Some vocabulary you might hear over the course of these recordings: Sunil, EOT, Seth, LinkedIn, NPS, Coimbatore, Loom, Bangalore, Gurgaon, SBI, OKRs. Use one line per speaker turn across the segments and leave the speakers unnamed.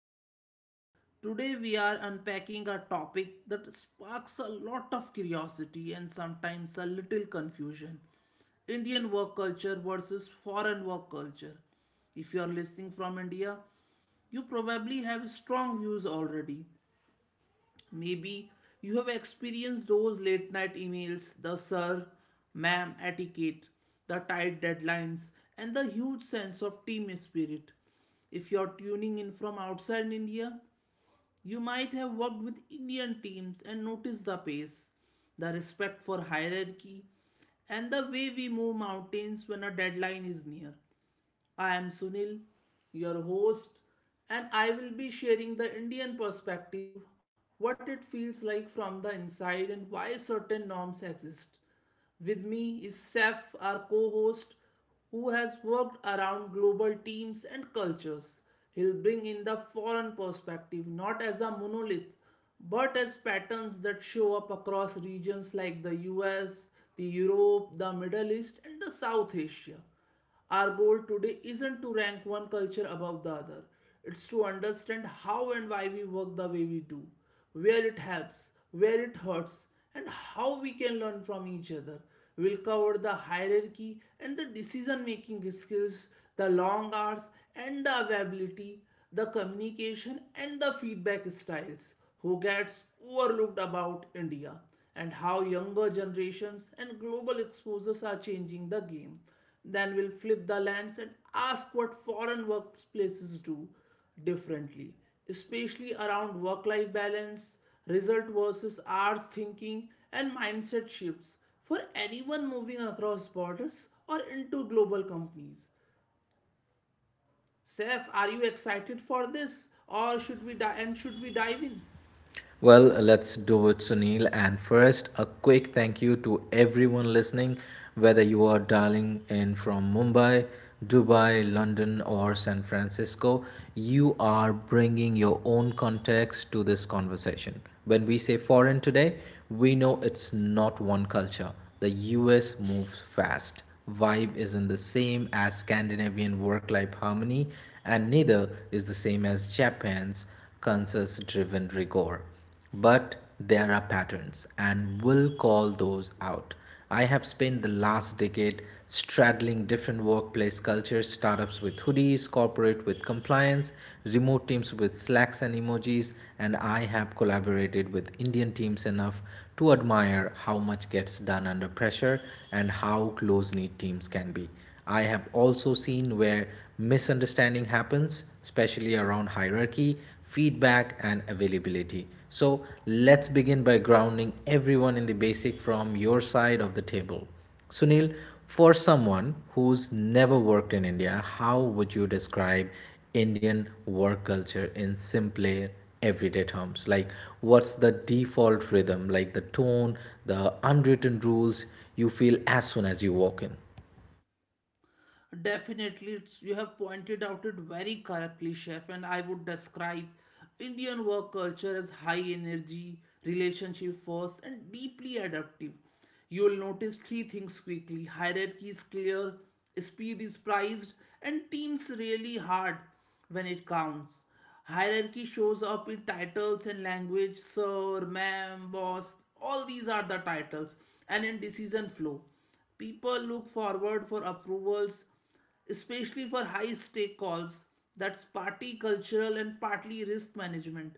to the show. Today we are unpacking a topic that sparks a lot of curiosity and sometimes a little confusion. Indian work culture versus foreign work culture. If you are listening from India, you probably have strong views already. Maybe you have experienced those late night emails, the sir, ma'am etiquette, the tight deadlines, and the huge sense of team spirit. If you're tuning in from outside India, you might have worked with Indian teams and noticed the pace, the respect for hierarchy, and the way we move mountains when a deadline is near. I am Sunil, your host, and I will be sharing the Indian perspective, what it feels like from the inside, and why certain norms exist. With me is Seth, our co host, who has worked around global teams and cultures. He'll bring in the foreign perspective, not as a monolith, but as patterns that show up across regions like the US, the Europe, the Middle East, and the South Asia. Our goal today isn't to rank one culture above the other, it's to understand how and why we work the way we do, where it helps, where it hurts, and how we can learn from each other. We'll cover the hierarchy and the decision making skills, the long hours and the availability, the communication and the feedback styles, who gets overlooked about India, and how younger generations and global exposures are changing the game. Then we'll flip the lens and ask what foreign workplaces do differently, especially around work life balance, result versus hours thinking, and mindset shifts for anyone moving across borders or into global companies. Seth, are you excited for this or should we dive in?
Well, let's do it, Sunil. And first, a quick thank you to everyone listening, whether you are dialing in from Mumbai, Dubai, London, or San Francisco. You are bringing your own context to this conversation. When we say foreign today, we know it's not one culture. The US moves fast. Vibe isn't the same as Scandinavian work life harmony, and neither is the same as Japan's consensus driven rigor. But there are patterns, and we'll call those out. I have spent the last decade straddling different workplace cultures startups with hoodies, corporate with compliance, remote teams with slacks and emojis, and I have collaborated with Indian teams enough to admire how much gets done under pressure and how close knit teams can be. I have also seen where misunderstanding happens, especially around hierarchy, feedback, and availability. So, let's begin by grounding everyone in the basic from your side of the table. Sunil, for someone who's never worked in India, how would you describe Indian work culture in simpler everyday terms? Like, what's the default rhythm, like the tone, the unwritten rules you feel as soon as you walk in?
Definitely, it's, you have pointed out it very correctly, chef. And I would describe Indian work culture as high energy, relationship first, and deeply adaptive. You will notice three things quickly: hierarchy is clear, speed is prized, and teams really hard when it counts. Hierarchy shows up in titles and language — sir, ma'am, boss, all these are the titles — and in decision flow. People look forward for approvals, especially for high stake calls. That's partly cultural and partly risk management.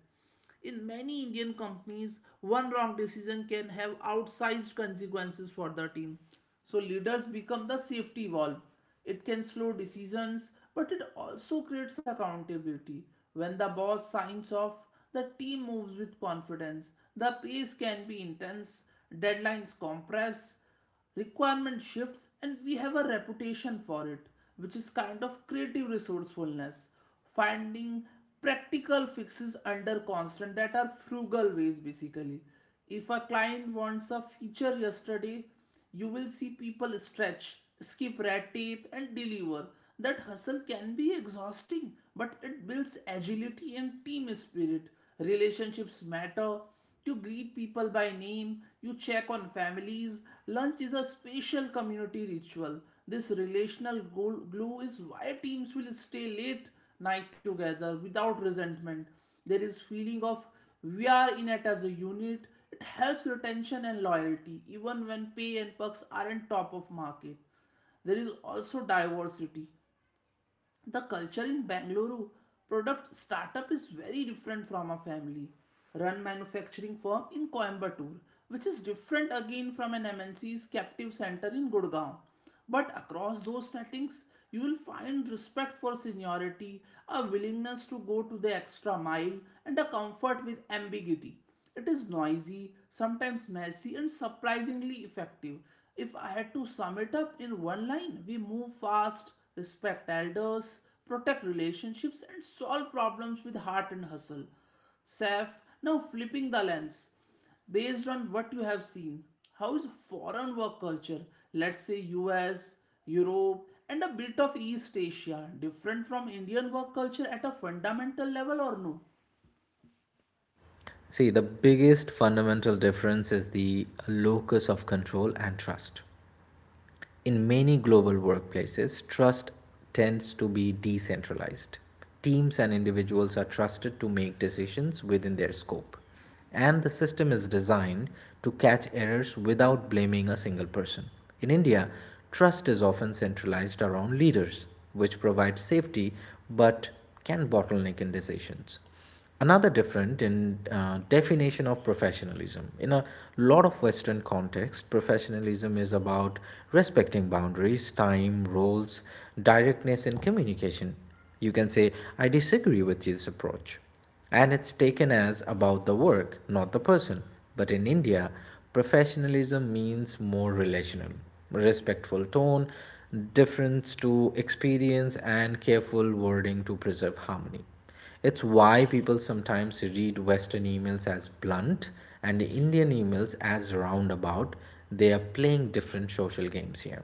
In many Indian companies, one wrong decision can have outsized consequences for the team. So leaders become the safety valve. It can slow decisions, but it also creates accountability. When the boss signs off, the team moves with confidence. The pace can be intense, deadlines compress, requirement shifts, and we have a reputation for it, which is kind of creative resourcefulness, finding practical fixes under constraint, that are frugal ways basically. If a client wants a feature yesterday, you will see people stretch, skip red tape and deliver. That hustle can be exhausting, but it builds agility and team spirit. Relationships matter. You greet people by name, you check on families. Lunch is a special community ritual. This relational glue is why teams will stay late night together without resentment. There is feeling of we are in it as a unit. It helps retention and loyalty even when pay and perks aren't top of market. There is also diversity. The culture in Bangalore product startup is very different from a family run manufacturing firm in Coimbatore, which is different again from an MNC's captive center in Gurgaon. But across those settings, you will find respect for seniority, a willingness to go to the extra mile, and a comfort with ambiguity. It is noisy, sometimes messy, and surprisingly effective. If I had to sum it up in one line, we move fast, respect elders, protect relationships, and solve problems with heart and hustle. Saf, now flipping the lens. Based on what you have seen, how is foreign work culture, let's say US, Europe, and a bit of East Asia, different from Indian work culture at a fundamental level or no?
See, the biggest fundamental difference is the locus of control and trust. In many global workplaces, trust tends to be decentralized. Teams and individuals are trusted to make decisions within their scope, and the system is designed to catch errors without blaming a single person. In India, trust is often centralized around leaders, which provides safety but can bottleneck in decisions another different in definition of professionalism in a lot of western context professionalism is about respecting boundaries time roles directness in communication you can say I disagree with this approach and it's taken as about the work not the person but in india professionalism means more relational respectful tone deference to experience and careful wording to preserve harmony it's why people sometimes read Western emails as blunt and Indian emails as roundabout. They are playing different social games here.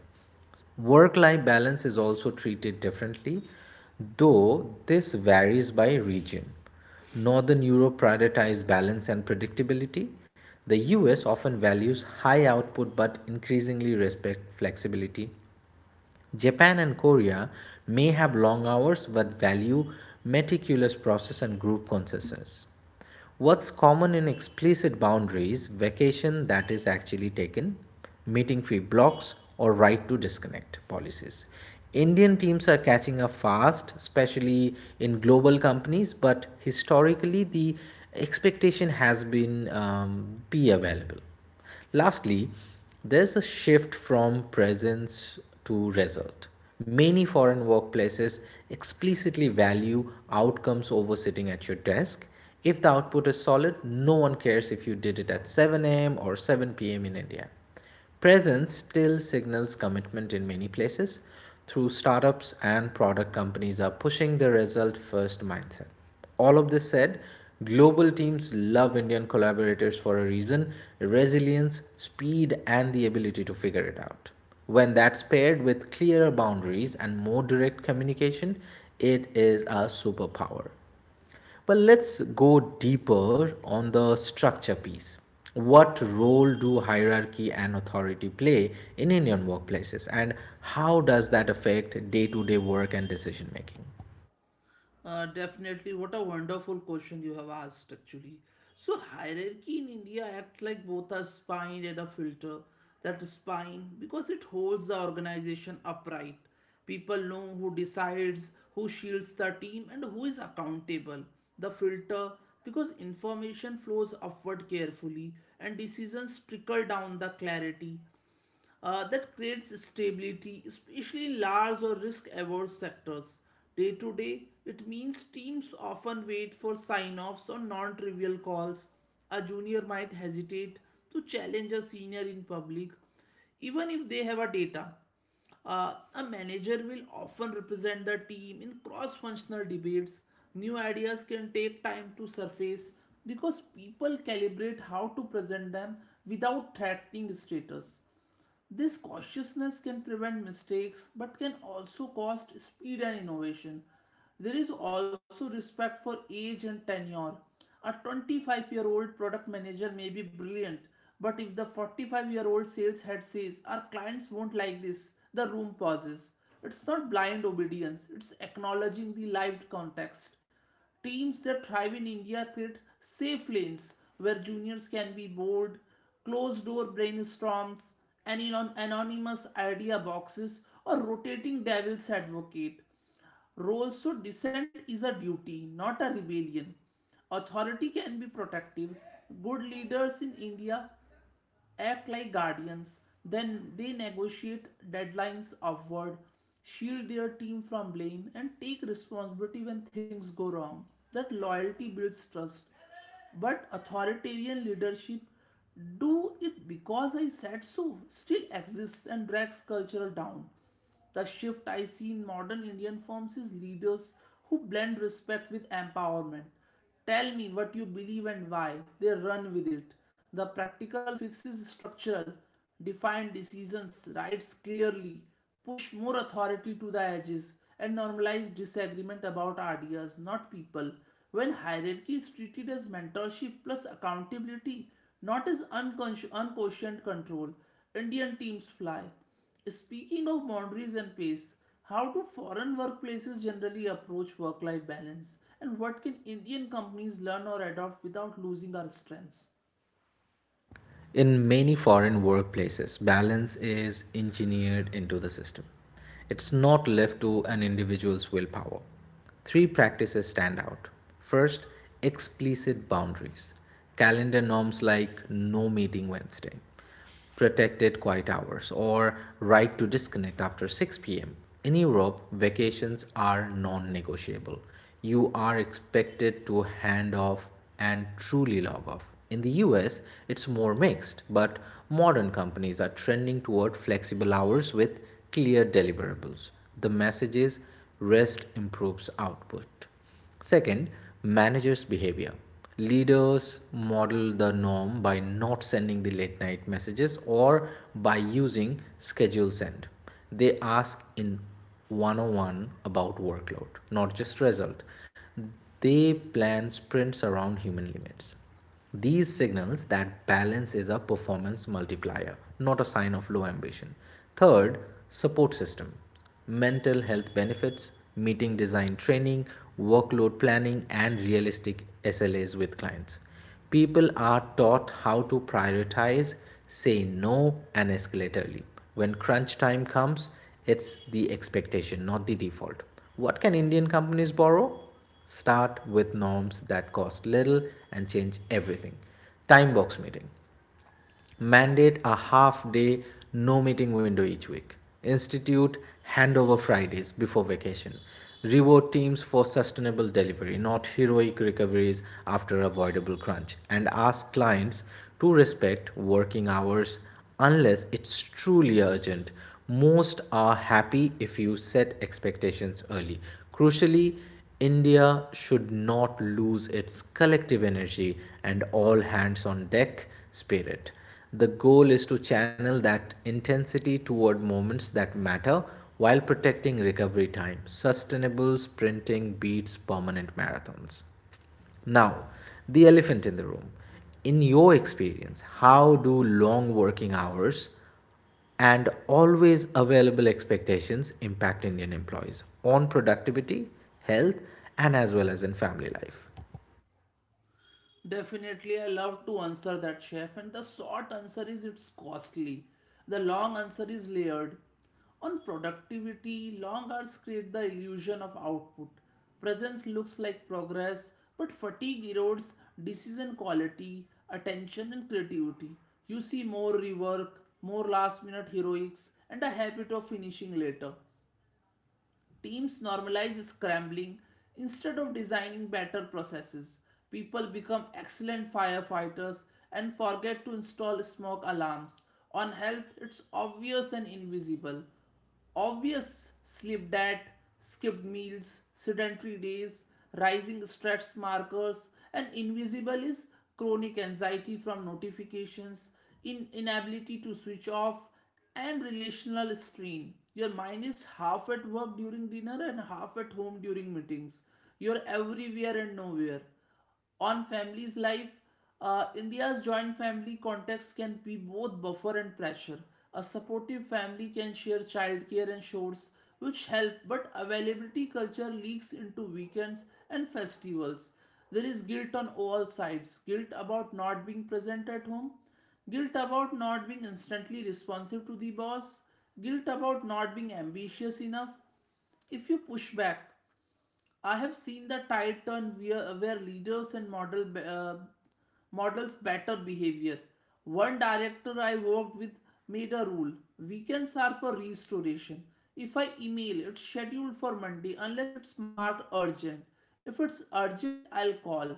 Work life balance is also treated differently, though this varies by region. Northern Europe prioritizes balance and predictability. The US often values high output but increasingly respect flexibility Japan and Korea may have long hours but value meticulous process and group consensus. What's common in explicit boundaries, vacation that is actually taken, meeting free blocks, or right to disconnect policies. Indian teams are catching up fast, especially in global companies, but historically the expectation has been be available. Lastly, there's a shift from presence to result. Many foreign workplaces explicitly value outcomes over sitting at your desk. If the output is solid, no one cares if you did it at 7 a.m. or 7 p.m. in India. Presence still signals commitment in many places, through startups and product companies are pushing the result first mindset. All of this said, global teams love Indian collaborators for a reason resilience, speed, and the ability to figure it out. When that's paired with clearer boundaries and more direct communication, it is a superpower. Well, let's go deeper on the structure piece. What role do hierarchy and authority play in Indian workplaces, and how does that affect day to day work and decision making?
Definitely. What a wonderful question you have asked, actually. So, hierarchy in India acts like both a spine and a filter. That spine, because it holds the organization upright. People know who decides, who shields the team, and who is accountable. The filter, because information flows upward carefully and decisions trickle down the clarity that creates stability, especially in large or risk averse sectors. Day to day, it means teams often wait for sign offs on non trivial calls. A junior might hesitate to challenge a senior in public, even if they have a data. A manager will often represent the team in cross functional debates. New ideas can take time to surface because people calibrate how to present them without threatening status. This cautiousness can prevent mistakes but can also cost speed and innovation. There is also respect for age and tenure. A 25-year-old year old product manager may be brilliant, but if the 45-year-old year old sales head says, "Our clients won't like this," the room pauses. It's not blind obedience, it's acknowledging the lived context. Teams that thrive in India create safe lanes where juniors can be bold, closed door brainstorms, and anonymous idea boxes, or rotating devil's advocate. Roles so dissent is a duty, not a rebellion. Authority can be protective. Good leaders in India act like guardians, then they negotiate deadlines upward, shield their team from blame, and take responsibility when things go wrong. That loyalty builds trust. But authoritarian leadership, "do it because I said so," still exists and drags culture down. The shift I see in modern Indian firms is leaders who blend respect with empowerment. Tell me what you believe and why. They run with it. The practical fixes structural, define decisions, rights clearly, push more authority to the edges, and normalize disagreement about ideas, not people. When hierarchy is treated as mentorship plus accountability, not as unquestioned control, Indian teams fly. Speaking of boundaries and pace, how do foreign workplaces generally approach work life balance and what can Indian companies learn or adopt without losing our strengths?
In many foreign workplaces, balance is engineered into the system, it's not left to an individual's willpower. Three practices stand out. First, explicit boundaries, calendar norms like no meeting Wednesday protected quiet hours or right to disconnect after 6 p.m. In Europe, vacations are non negotiable. You are expected to hand off and truly log off. In the US, it's more mixed, but modern companies are trending toward flexible hours with clear deliverables. The message is rest improves output. Second, managers' behavior. Leaders model the norm by not sending the late night messages or by using schedule send. They ask in one on one about workload, not just result. They plan sprints around human limits. These signals that balance is a performance multiplier, not a sign of low ambition. Third, support system. Mental health benefits, meeting design training, workload planning, and realistic SLAs with clients. People are taught how to prioritize, say no, and escalate early. When crunch time comes, it's the expectation, not the default. What can Indian companies borrow? Start with norms that cost little and change everything. Time box meeting mandate a half day no meeting window each week, institute handover Fridays before vacation, reward teams for sustainable delivery, not heroic recoveries after avoidable crunch, and ask clients to respect working hours unless it's truly urgent. Most are happy if you set expectations early. Crucially, India should not lose its collective energy and all hands on deck spirit. The goal is to channel that intensity toward moments that matter while protecting recovery time. Sustainable sprinting beats permanent marathons. Now, the elephant in the room. In your experience, how do long working hours and always available expectations impact Indian employees on productivity, health, and as well as in family life?
Definitely, I love to answer that, chef. And the short answer is it's costly. The long answer is layered. On productivity, long hours create the illusion of output. Presence looks like progress, but fatigue erodes decision quality, attention, and creativity. You see more rework, more last minute heroics, and a habit of finishing later. Teams normalize scrambling instead of designing better processes. People become excellent firefighters and forget to install smoke alarms. On health, it's obvious and invisible. Obvious: sleep debt, skipped meals, sedentary days, rising stress markers. And invisible is chronic anxiety from notifications, in inability to switch off, and relational strain. Your mind is half at work during dinner and half at home during meetings. You're everywhere and nowhere. On family's life, India's joint family context can be both buffer and pressure. A supportive family can share childcare and chores, which help, but availability culture leaks into weekends and festivals. There is guilt on all sides: guilt about not being present at home, guilt about not being instantly responsive to the boss, guilt about not being ambitious enough. If you push back, I have seen the tide turn where leaders and models better behavior. One director I worked with made a rule: weekends are for restoration. If I email, it's scheduled for Monday unless it's marked urgent. If it's urgent, I'll call.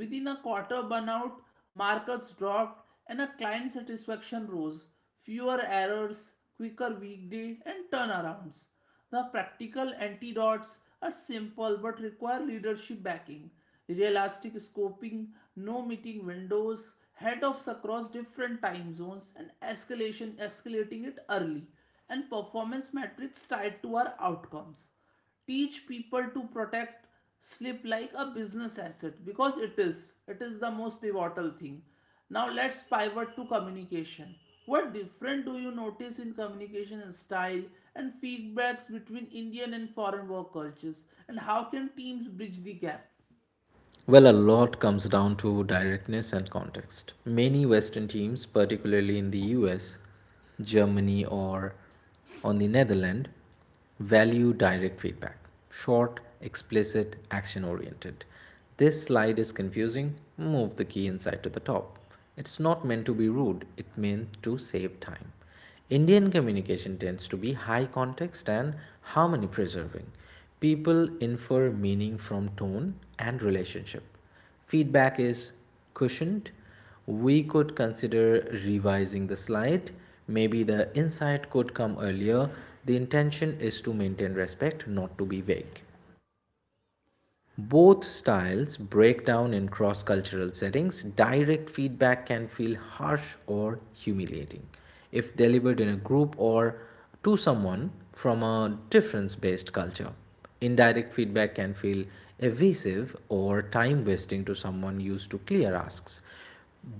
Within a quarter, burnout markers dropped and a client satisfaction rose. Fewer errors, quicker weekday, and turnarounds. The practical antidotes are simple but require leadership backing. Realistic scoping, no meeting windows, head across different time zones, and escalation escalating it early, and performance metrics tied to our outcomes teach people to protect sleep like a business asset, because it is, it is the most pivotal thing. Now let's pivot to communication. What different do you notice in communication style and feedbacks between Indian and foreign work cultures, and how can teams bridge the gap?
Well, a lot comes down to directness and context. Many Western teams, particularly in the US, Germany, or on the Netherlands, value direct feedback short, explicit, action oriented. This slide is confusing. Move the key inside to the top. It's not meant to be rude, it meant to save time. Indian communication tends to be high context and harmony preserving. People infer meaning from tone and relationship. Feedback is cushioned. We could consider revising the slide. Maybe the insight could come earlier. The intention is to maintain respect, not to be vague. Both styles break down in cross cultural settings. Direct feedback can feel harsh or humiliating if delivered in a group or to someone from a difference based culture. Indirect feedback can feel evasive or time wasting to someone used to clear asks.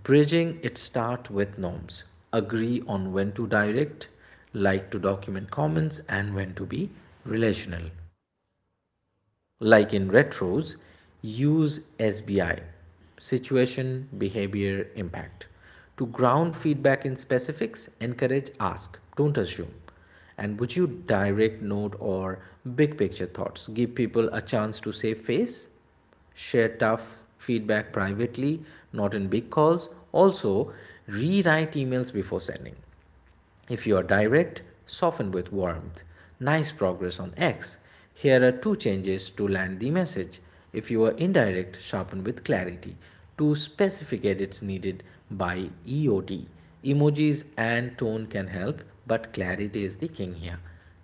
Bridging it starts with norms. Agree on when to direct, like to document comments, and when to be relational like in retros, use SBI situation, behavior, impact. To ground feedback in specifics, encourage ask, don't assume. And would you direct note or big picture thoughts? Give people a chance to save face, share tough feedback privately, not in big calls. Also, rewrite emails before sending. If you are direct, soften with warmth. Nice progress on X. Here are two changes to land the message. If you are indirect, sharpen with clarity. Two specific edits needed by EOT. Emojis and tone can help, but clarity is the king here.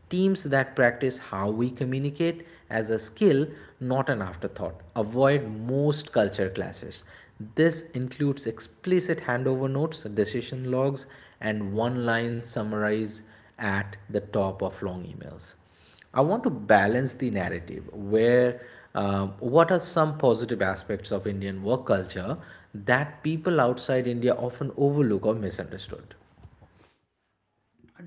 Teams that practice how we communicate as a skill, not an afterthought, avoid most culture clashes. This includes explicit handover notes, decision logs, and one line summaries at the top of long emails. I want to balance the narrative where what are some positive aspects of Indian work culture that people outside India often overlook or misunderstood?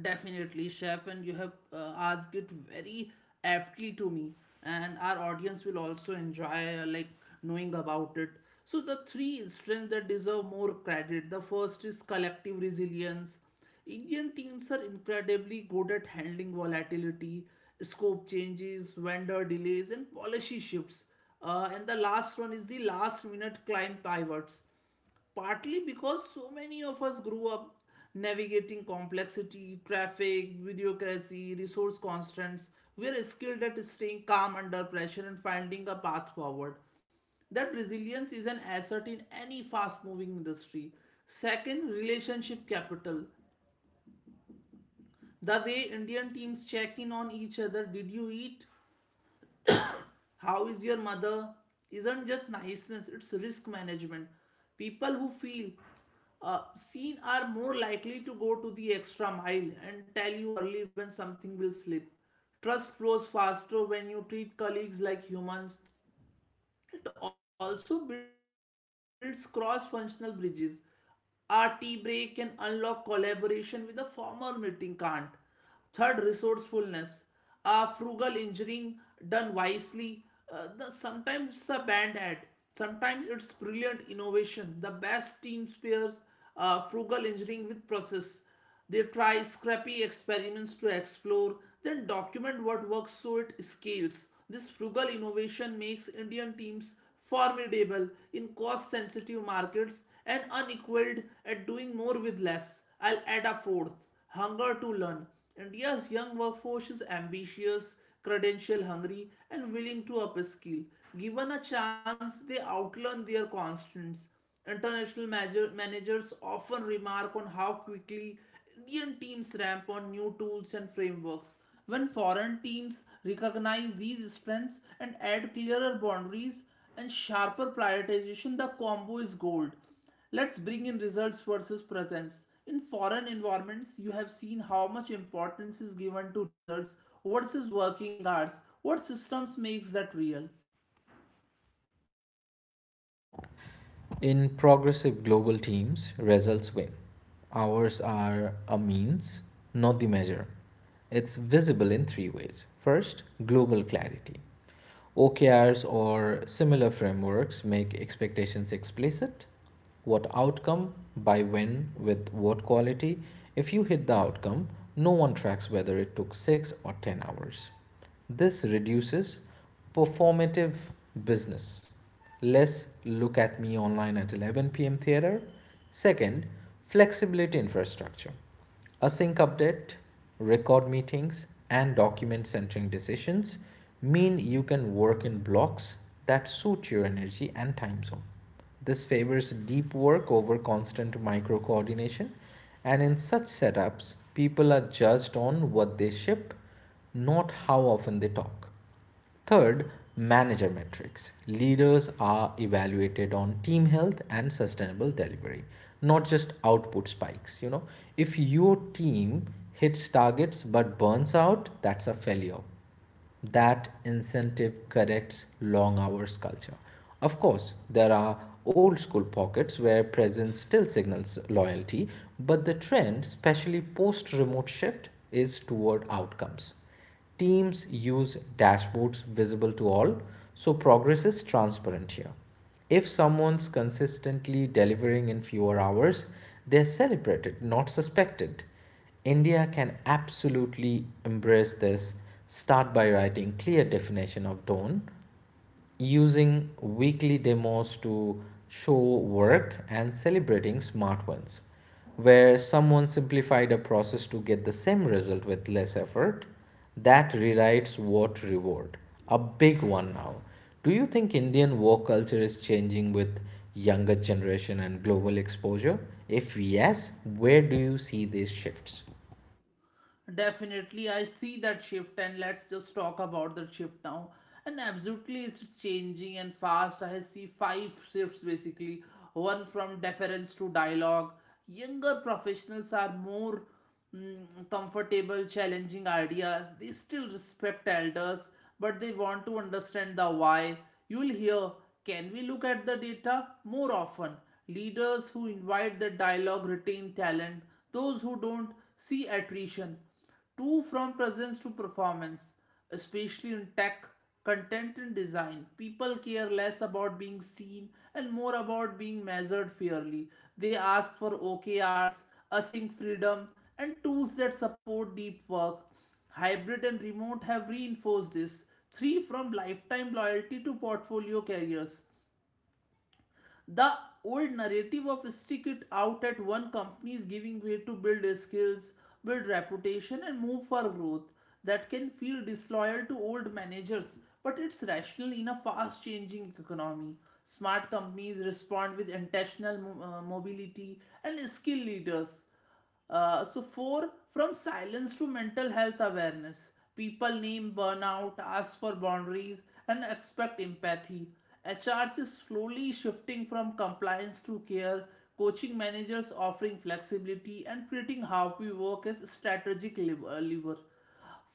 Definitely, chef, and you have asked it very aptly to me, and our audience will also enjoy like knowing about it. So the three strengths that deserve more credit. The first is collective resilience. Indian teams are incredibly good at handling volatility, scope changes, vendor delays, and policy shifts. And the last one is the last minute client pivots, partly because so many of us grew up navigating complexity, traffic, bureaucracy, resource constraints. We are skilled at staying calm under pressure and finding a path forward. That resilience is an asset in any fast moving industry. Second, relationship capital. The way Indian teams check in on each other — "did you eat?", "how is your mother" — isn't just niceness, it's risk management. People who feel seen are more likely to go to the extra mile and tell you early when something will slip. Trust flows faster when you treat colleagues like humans. It also builds cross functional bridges. RT break can unlock collaboration with a formal meeting can't. Third, resourcefulness. A frugal engineering done wisely. Sometimes it's a band aid. Sometimes it's brilliant innovation. The best team pairs frugal engineering with process. They try scrappy experiments to explore, then document what works so it scales. This frugal innovation makes Indian teams formidable in cost sensitive markets and unequaled at doing more with less. I'll add a fourth, hunger to learn. India's young workforce is ambitious, credential hungry, and willing to upskill. Given a chance, they outlearn their constants. Managers often remark on how quickly Indian teams ramp on new tools and frameworks. When foreign teams recognize these strengths and add clearer boundaries and sharper prioritization, the combo is gold. Let's bring in results versus presence. In foreign environments, you have seen how much importance is given to results versus working hours. What systems makes that real?
In progressive global teams, results win. Ours are a means, not the measure. It's visible in three ways. First, global clarity. OKRs or similar frameworks make expectations explicit. What outcome, by when, with what quality. If you hit the outcome, no one tracks whether it took 6 or 10 hours. This reduces performative business Let's look at me online at 11 p.m. theater. Second, flexibility infrastructure. Async update, record meetings, and document centering decisions mean you can work in blocks that suit your energy and time zone. This favors deep work over constant micro coordination, and in such setups, people are judged on what they ship, not how often they talk. Third, manager metrics. Leaders are evaluated on team health and sustainable delivery, not just output spikes. You know, if your team hits targets but burns out, that's a failure that incentive corrects long hours culture. Of course, there are old school pockets where presence still signals loyalty, but the trend, especially post remote shift, is toward outcomes. Teams use dashboards visible to all, so progress is transparent here. If someone's consistently delivering in fewer hours, they're celebrated, not suspected. India can absolutely embrace this. Start by writing clear definition of done using weekly demos to show work and celebrating smart ones, where someone simplified a process to get the same result with less effort. That rewrites what reward. A big one now. Do you think Indian work culture is changing with younger generation and global exposure? If yes, where do you see these shifts?
Definitely, I see that shift, and let's just talk about that shift now. And absolutely, it's changing and fast. I see five shifts basically. One, from deference to dialogue. Younger professionals are more comfortable challenging ideas. They still respect elders, but they want to understand the why. You'll hear, can we look at the data more often? Leaders who invite the dialogue retain talent. Those who don't, C attrition. 2. From presence to performance, especially in tech, content, and design. People care less about being seen and more about being measured fairly. They ask for OKRs, async freedom, and tools that support deep work. Hybrid and remote have reinforced this. 3. From lifetime loyalty to portfolio careers. The old narrative of stick it out at one company is giving way to build skills, build reputation, and move for growth that can feel disloyal to old managers, but it's rational in a fast changing economy. Smart companies respond with intentional mobility and skill leaders. So four, from silence to mental health awareness. People name burnout, ask for boundaries, and expect empathy. HRs is slowly shifting from compliance to care, coaching managers, offering flexibility, and treating how we work as a strategic lever.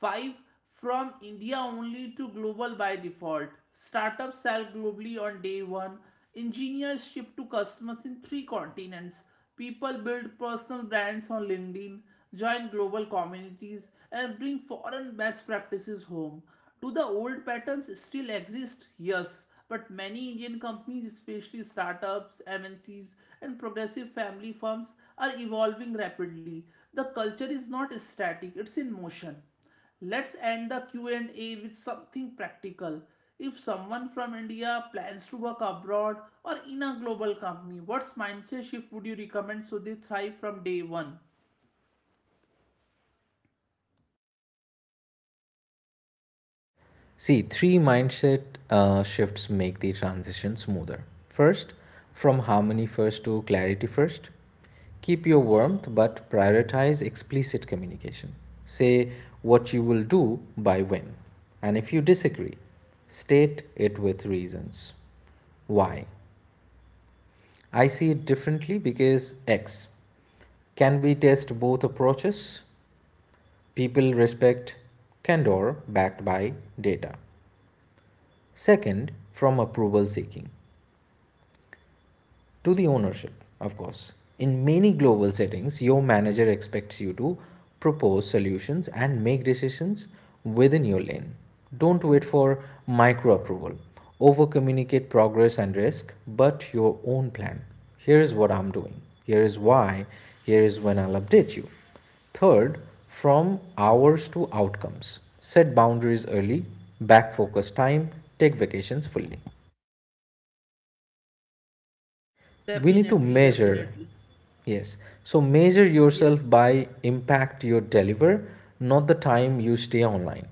5, from India only to global by default. Startups sell globally on day 1. Engineers ship to customers in 3 continents. People build personal brands on LinkedIn, join global communities, and bring foreign best practices home. Do the old patterns still exist? Yes, but many Indian companies, especially startups, MNCs, and progressive family forms are evolving rapidly. The culture is not static, it's in motion. Let's end the Q&A with something practical. If someone from India plans to work abroad or in a global company, what mindset shift would you recommend so they thrive from day one?
See, three mindset shifts make the transition smoother. First, from harmony first to clarity first. Keep your warmth but prioritize explicit communication. Say what you will do by when. And if you disagree, state it with reasons. Why? I see it differently because X. Can we test both approaches? People respect candor backed by data. Second, from approval seeking to the ownership, of course. In many global settings, your manager expects you to propose solutions and make decisions within your lane. Don't wait for micro approval. Over communicate progress and risk, but your own plan. Here is what I'm doing. Here is why. Here is when I'll update you. Third, from hours to outcomes. Set boundaries early, back focus time, take vacations fully. We need to
Definitely,
measure,
definitely.
yes, so measure
Yeah.
yourself by impact you deliver, not the time you stay online.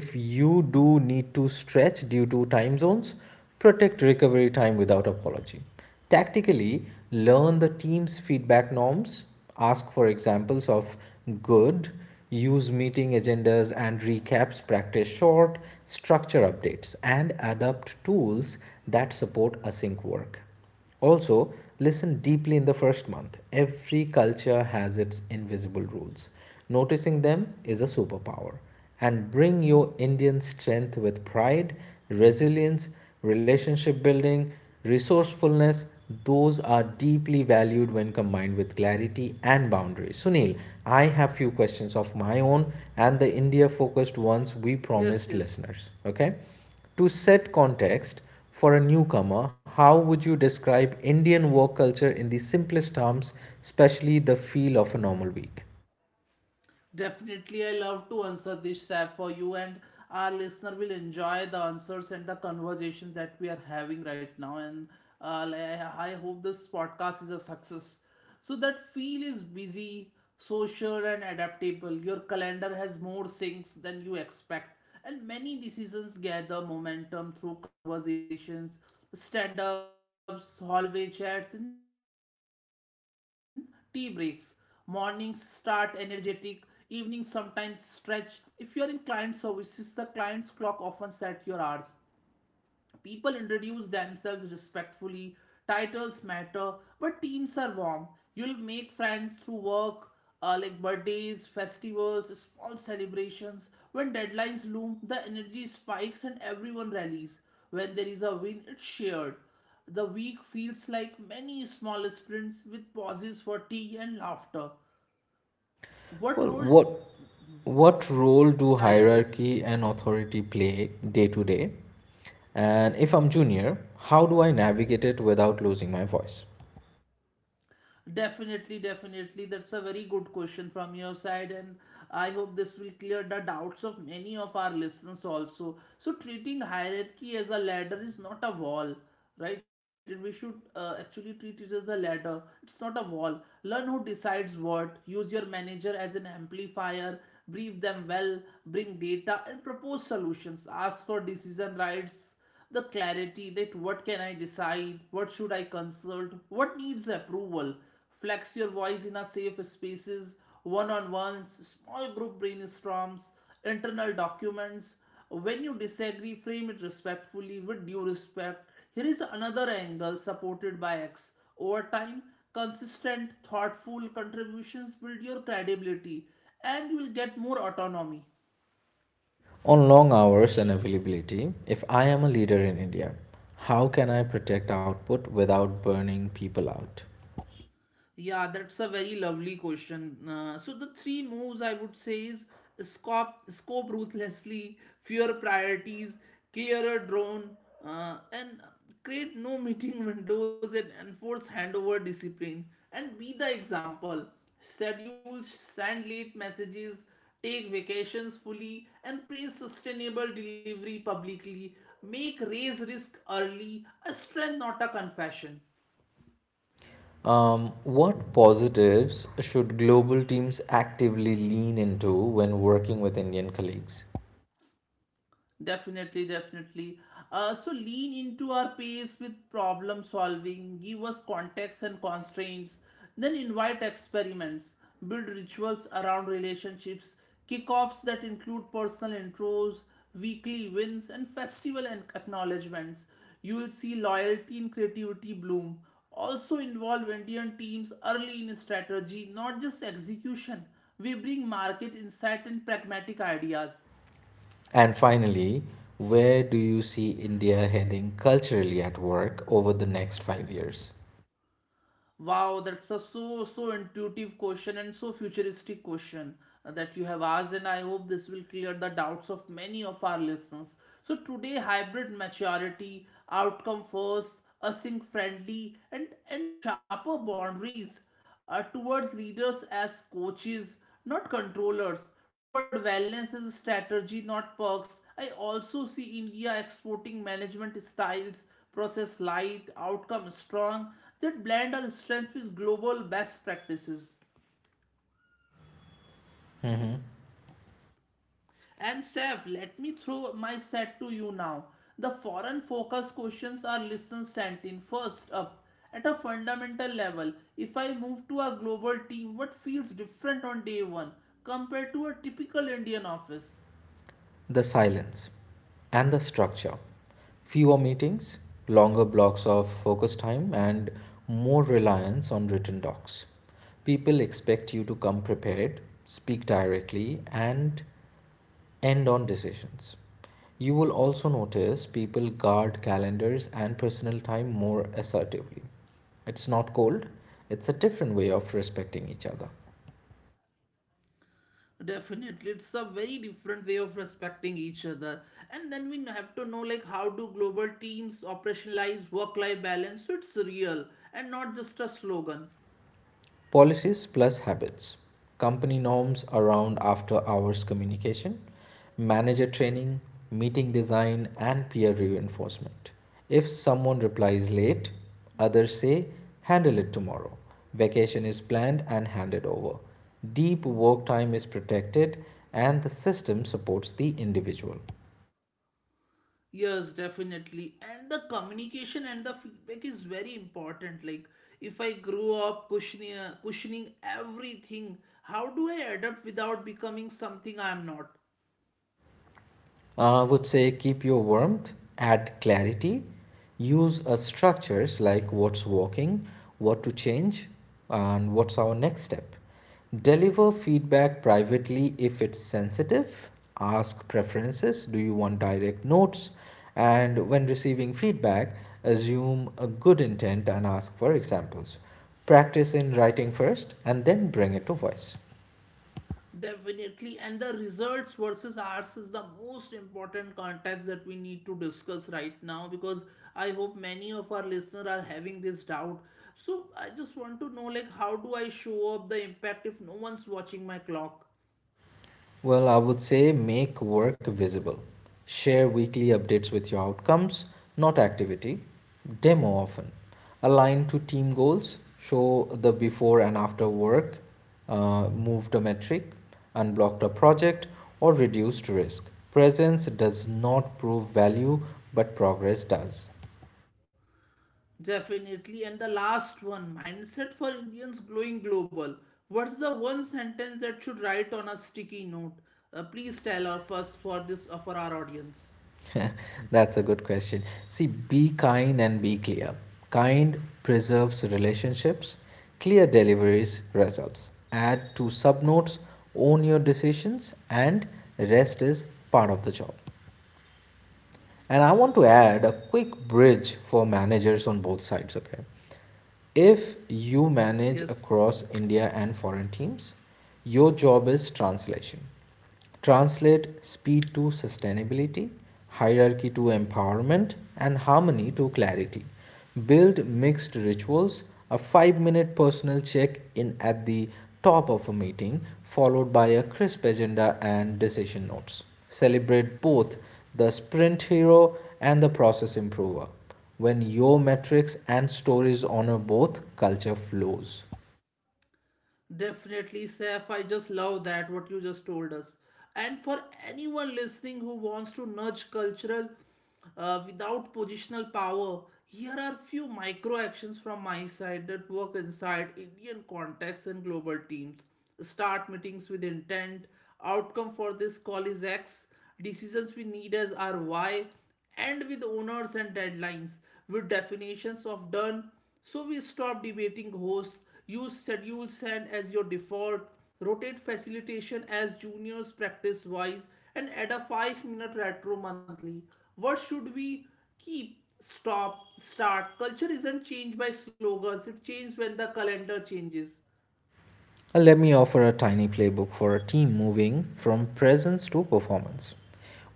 If you do need to stretch due to time zones, protect recovery time without apology. Tactically, learn the team's feedback norms, ask for examples of good, use meeting agendas and recaps, practice short structure updates, and adopt tools that support async work. also, Listen deeply in the first month. Every culture has its invisible rules. Noticing them is a superpower. And bring your Indian strength with pride, resilience, relationship building, resourcefulness. Those are deeply valued when combined with clarity and boundaries. Sunil, I have few questions of my own and the India focused ones we
Yes,
promised
yes.
listeners. Okay? To set context for a newcomer, how would you describe Indian work culture in the simplest terms, especially the feel of a normal week?
Definitely, I love to answer this, Saf, for you, and our listener will enjoy the answers and the conversations that we are having right now. And I hope this podcast is a success. So that feel is busy, social, and adaptable. Your calendar has more sinks than you expect, and many decisions gather momentum through conversations, stand ups, hallway chats, and tea breaks. Mornings start energetic, evenings sometimes stretch. If you are in client services, the client's clock often sets your hours. People introduce themselves respectfully, titles matter, but teams are warm. You'll make friends through work, like birthdays, festivals, small celebrations. When deadlines loom, the energy spikes and everyone rallies. When there is a win, it's shared. The week feels like many small sprints with pauses for tea and laughter. What
Well,
role?
what role do
Yeah, yeah, yeah.
hierarchy and authority play day to day? And if I'm junior, how do I navigate it without losing my voice?
Definitely, definitely. That's a very good question from your side, and I hope this will clear the doubts of many of our listeners also. So, treating hierarchy as a ladder is not a wall, right? We should actually treat it as a ladder. It's not a wall. Learn who decides what, use your manager as an amplifier, brief them well, bring data, and propose solutions. Ask for decision rights, the clarity that what can I decide, what should I consult, what needs approval. Flex your voice in a safe spaces, one-on-ones, small group brainstorms, internal documents. When you disagree, frame it respectfully with due respect. Here is another angle supported by X. Over time, consistent, thoughtful contributions build your credibility and you will get more autonomy.
On long hours and availability, if I am a leader in India, how can I protect output without burning people out?
Yeah, that's a very lovely question. So the three moves I would say is scope ruthlessly, fewer priorities, clearer drone, and create no meeting windows and enforce handover discipline. And be the example. Schedule send late messages, take vacations fully, and praise sustainable delivery publicly. Make raise risk early a strength, not a confession.
What positives should global teams actively lean into when working with Indian colleagues?
Definitely, definitely. So lean into our pace with problem solving, give us context and constraints, then invite experiments, build rituals around relationships, kickoffs that include personal intros, weekly wins, and festival and acknowledgements. You will see loyalty and creativity bloom. Also involve Indian teams early in strategy, not just execution. We bring market insight and pragmatic ideas.
And finally, where do you see India heading culturally at work over the next 5 years?
Wow, that's a so so intuitive question and so futuristic question that you have asked, and I hope this will clear the doubts of many of our listeners. So today, hybrid maturity, outcome first, async friendly, and sharper boundaries towards leaders as coaches, not controllers, toward wellness as a strategy, not perks. I also see India exporting management styles, process light, outcome strong, that blend our strengths with global best practices. And Seth, let me throw my set to you now. The foreign focus questions are listen sent in first up. At a fundamental level, if I move to a global team, what feels different on day one compared to a typical Indian office?
The silence and the structure. Fewer meetings, longer blocks of focus time, and more reliance on written docs. People expect you to come prepared, speak directly, and end on decisions. You will also notice people guard calendars and personal time more assertively. It's not cold, it's a different way of respecting each other.
Definitely, it's a very different way of respecting each other. And then we have to know like how do global teams operationalize work-life balance so it's real and not just a slogan.
Policies plus habits, company norms around after hours communication, manager training, meeting design, and peer reinforcement. If someone replies late, others say, handle it tomorrow. Vacation is planned and handed over. Deep work time is protected, and the system supports the individual.
Yes, definitely. And the communication and the feedback is very important. Like, if I grew up cushioning everything, how do I adapt without becoming something I am not?
I would say keep your warmth, add clarity, use structures like what's working, what to change, and what's our next step. Deliver feedback privately if it's sensitive. Ask preferences. Do you want direct notes? And when receiving feedback, assume a good intent and ask for examples. Practice in writing first and then bring it to voice.
Definitely. And the results versus ours is the most important context that we need to discuss right now because I hope many of our listeners are having this doubt. So, I just want to know, like, how do I show up the impact if no one's watching my clock?
Well, I would say make work visible. Share weekly updates with your outcomes, not activity. Demo often. Align to team goals. Show the before and after work, moved a metric, unblocked a project, or reduced risk. Presence does not prove value, but progress does.
Definitely. And the last one, mindset for Indians glowing global. What's the one sentence that should write on a sticky note? Please tell our first for this for our audience.
That's a good question. See, be kind and be clear. Kind preserves relationships, clear deliveries results. Add two subnotes, own your decisions, and rest is part of the job. And I want to add a quick bridge for managers on both sides, okay? If you manage
Yes.
across India and foreign teams, your job is translation. Translate speed to sustainability, hierarchy to empowerment, and harmony to clarity. Build mixed rituals, a 5-minute personal check in at the top of a meeting, followed by a crisp agenda and decision notes. Celebrate both the sprint hero and the process improver. When your metrics and stories honor both, culture flows.
Definitely, Saif. I just love that what you just told us. And for anyone listening who wants to nudge cultural without positional power, here are few micro actions from my side that work inside Indian contexts and global teams. Start meetings with intent. Outcome for this call is X. Decisions we need as are Y and with owners and deadlines, with definitions of done. So we stop debating hosts, use schedule send as your default, rotate facilitation as juniors practice wise, and add a 5-minute retro monthly. What should we keep? Stop, start. Culture isn't changed by slogans, it changes when the calendar changes.
Let me offer a tiny playbook for a team moving from presence to performance.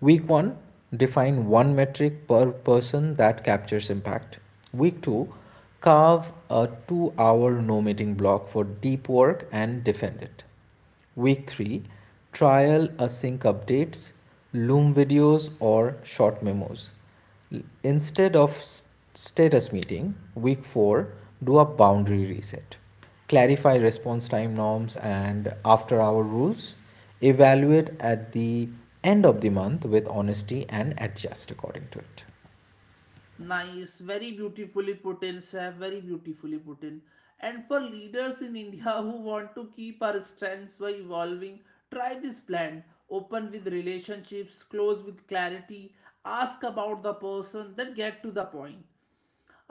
Week 1, define one metric per person that captures impact. Week 2, carve a 2-hour no meeting block for deep work and defend it. Week 3, trial async updates, Loom videos, or short memos. Instead of status meeting, week 4, do a boundary reset. Clarify response time norms and after hour rules. Evaluate at the end of the month with honesty and adjust according to it.
Nice, very beautifully put in, chef, very beautifully put in. And for leaders in India who want to keep our strengths by evolving, try this plan. Open with relationships, close with clarity, ask about the person, then get to the point.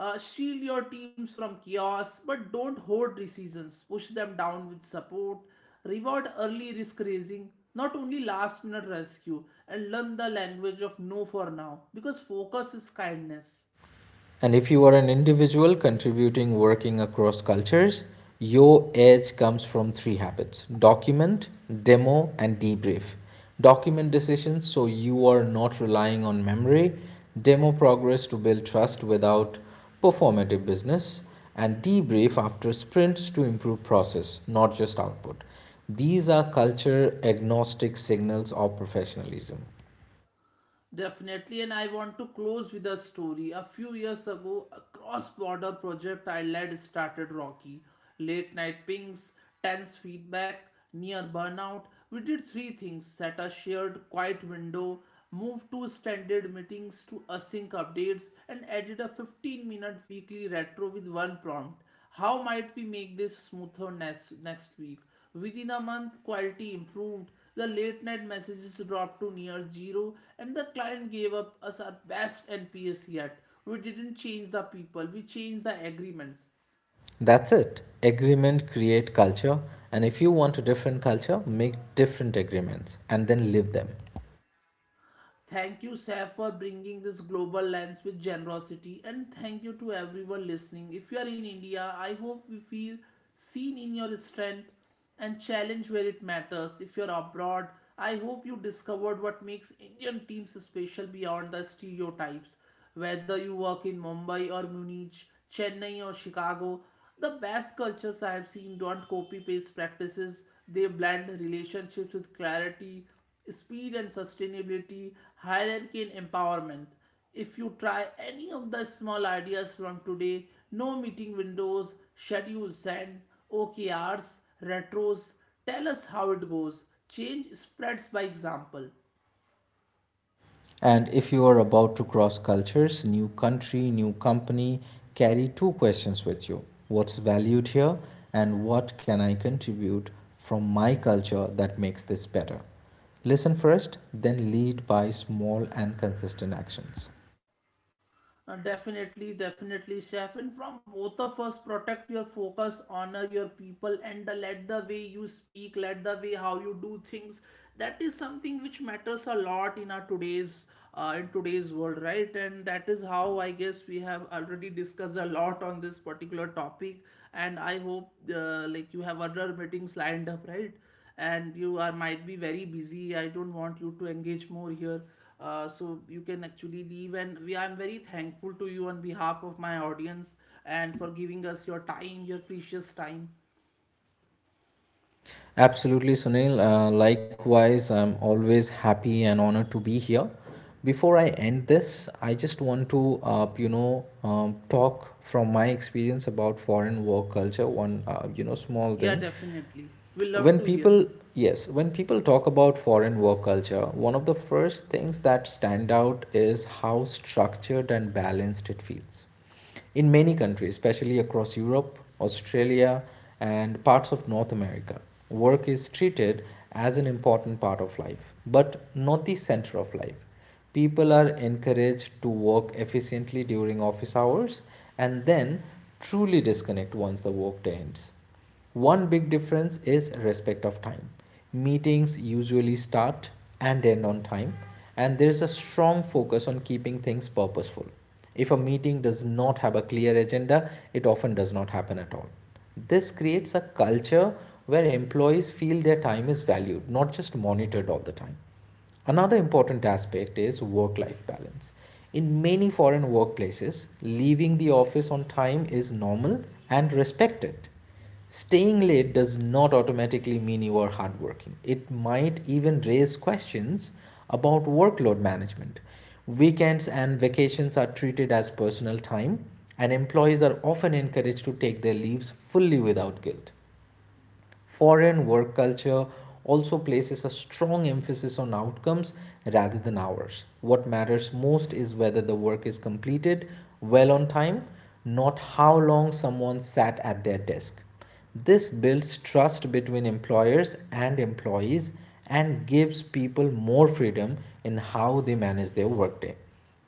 Shield your teams from chaos, but don't hoard decisions. Push them down with support. Reward early risk raising, not only last minute rescue, and learn the language of no for now because focus is kindness.
And if you are an individual contributing working across cultures, your edge comes from three habits: document, demo, and debrief. Document decisions so you are not relying on memory, demo progress to build trust without performative business, and debrief after sprints to improve process, not just output. These are culture agnostic signals of professionalism.
Definitely, and I want to close with a story. A few years ago, a cross border project I led started rocky. Late night pings, tense feedback, near burnout. We did three things: set a shared, quiet window, moved two standard meetings to async updates, and added a 15-minute weekly retro with one prompt. How might we make this smoother next week? Within a month, quality improved, the late night messages dropped to near zero, and the client gave up us our best NPS yet. We didn't change the people, we changed the agreements.
That's it. Agreement create culture, and if you want a different culture, make different agreements and then live them.
Thank you, Saf, for bringing this global lens with generosity, and thank you to everyone listening. If you are in India, I hope you feel seen in your strength and challenge where it matters. If you're abroad, I hope you discovered what makes Indian teams special beyond the stereotypes. Whether you work in Mumbai or Munich, Chennai or Chicago, the best cultures I have seen don't copy paste practices. They blend relationships with clarity, speed and sustainability, hierarchy and empowerment. If you try any of the small ideas from today, no meeting windows, schedules and OKRs, retros, tell us how it goes. Change spreads by example.
And if you are about to cross cultures, new country, new company, carry two questions with you. What's valued here and what can I contribute from my culture that makes this better? Listen first, then lead by small and consistent actions.
Definitely, definitely, chef. And from both of us, protect your focus, honor your people, and let the way you speak, let the way how you do things. That is something which matters a lot in our today's in today's world, right? And that is how I guess we have already discussed a lot on this particular topic. And I hope like you have other meetings lined up, right? And you are might be very busy, I don't want you to engage more here. So you can actually leave and we I'm very thankful to you on behalf of my audience and for giving us your time, your precious time.
Absolutely, Sunil. Likewise, I'm always happy and honored to be here. Before I end this, I just want to, talk from my experience about foreign work culture. One, small
Yeah,
thing.
definitely, we love to
When
hear.
people, yes, when people talk about foreign work culture, one of the first things that stand out is how structured and balanced it feels in many countries, especially across Europe, Australia, and parts of North America. Work is treated as an important part of life, but not the center of life. People are encouraged to work efficiently during office hours and then truly disconnect once the workday ends. One big difference is respect of time. Meetings usually start and end on time, and there's a strong focus on keeping things purposeful. If a meeting does not have a clear agenda, it often does not happen at all. This creates a culture where employees feel their time is valued, not just monitored all the time. Another important aspect is work life balance. In many foreign workplaces, leaving the office on time is normal and respected. Staying late does not automatically mean you are hardworking. It might even raise questions about workload management. Weekends and vacations are treated as personal time, and employees are often encouraged to take their leaves fully without guilt. Foreign work culture also places a strong emphasis on outcomes rather than hours. What matters most is whether the work is completed well on time, not how long someone sat at their desk. This builds trust between employers and employees and gives people more freedom in how they manage their workday.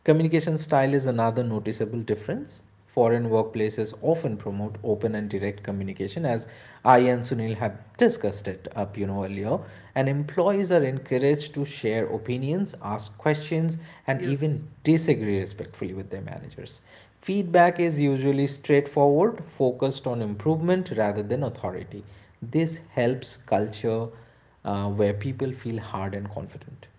Communication style is another noticeable difference. Foreign workplaces often promote open and direct communication, as I and Sunil have discussed it up, you know, earlier. And employees are encouraged to share opinions, ask questions, and even
Yes.
disagree respectfully with their managers. Feedback is usually straightforward, focused on improvement rather than authority. This helps culture where people feel hard and confident.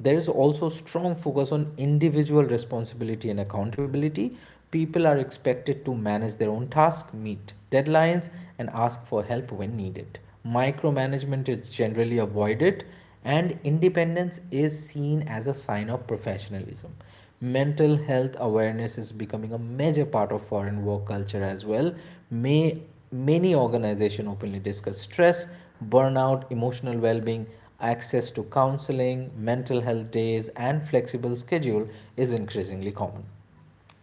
There is also strong focus on individual responsibility and accountability. People are expected to manage their own tasks, meet deadlines, and ask for help when needed. Micromanagement is generally avoided, and independence is seen as a sign of professionalism. Mental health awareness is becoming a major part of foreign work culture as well. May, Many organizations openly discuss stress, burnout, emotional well being, access to counseling, mental health days, and flexible schedule is increasingly common.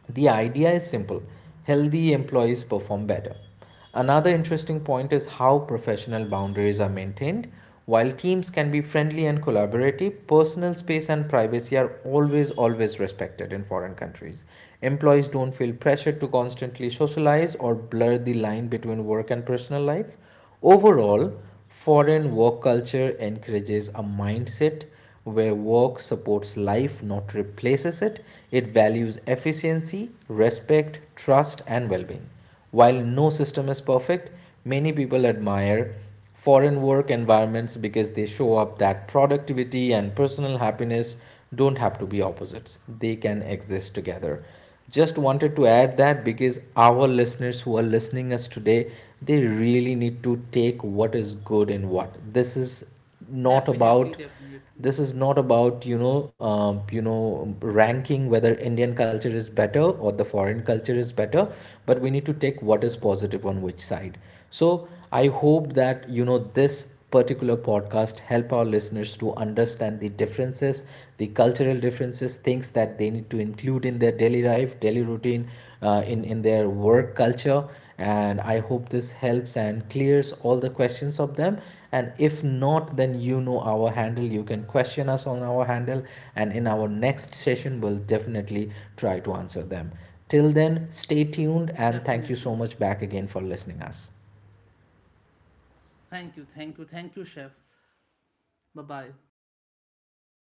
The idea is simple: healthy employees perform better. Another interesting point is how professional boundaries are maintained. While teams can be friendly and collaborative, personal space and privacy are always, always respected in foreign countries. Employees don't feel pressured to constantly socialize or blur the line between work and personal life. Overall, foreign work culture encourages a mindset where work supports life, not replaces it. It values efficiency, respect, trust, and well being. While no system is perfect, many people admire foreign work environments because they show up that productivity and personal happiness don't have to be opposites, they can exist together. Just wanted to add that because our listeners who are listening us today, they really need to take what is good. And what this is not
Definitely,
about,
definitely,
this is not about you know ranking whether indian culture is better or the foreign culture is better, but we need to take what is positive on which side. So i hope that this particular podcast help our listeners to understand the differences, the cultural differences, things that they need to include in their daily life, daily routine, in their work culture. And I hope this helps and clears all the questions of them. And if not, then you know our handle. You can question us on our handle. And in our next session, we'll definitely try to answer them. Till then, stay tuned
definitely,
and thank you so much back again for listening us.
thank you, thank you, thank you, chef. Bye bye.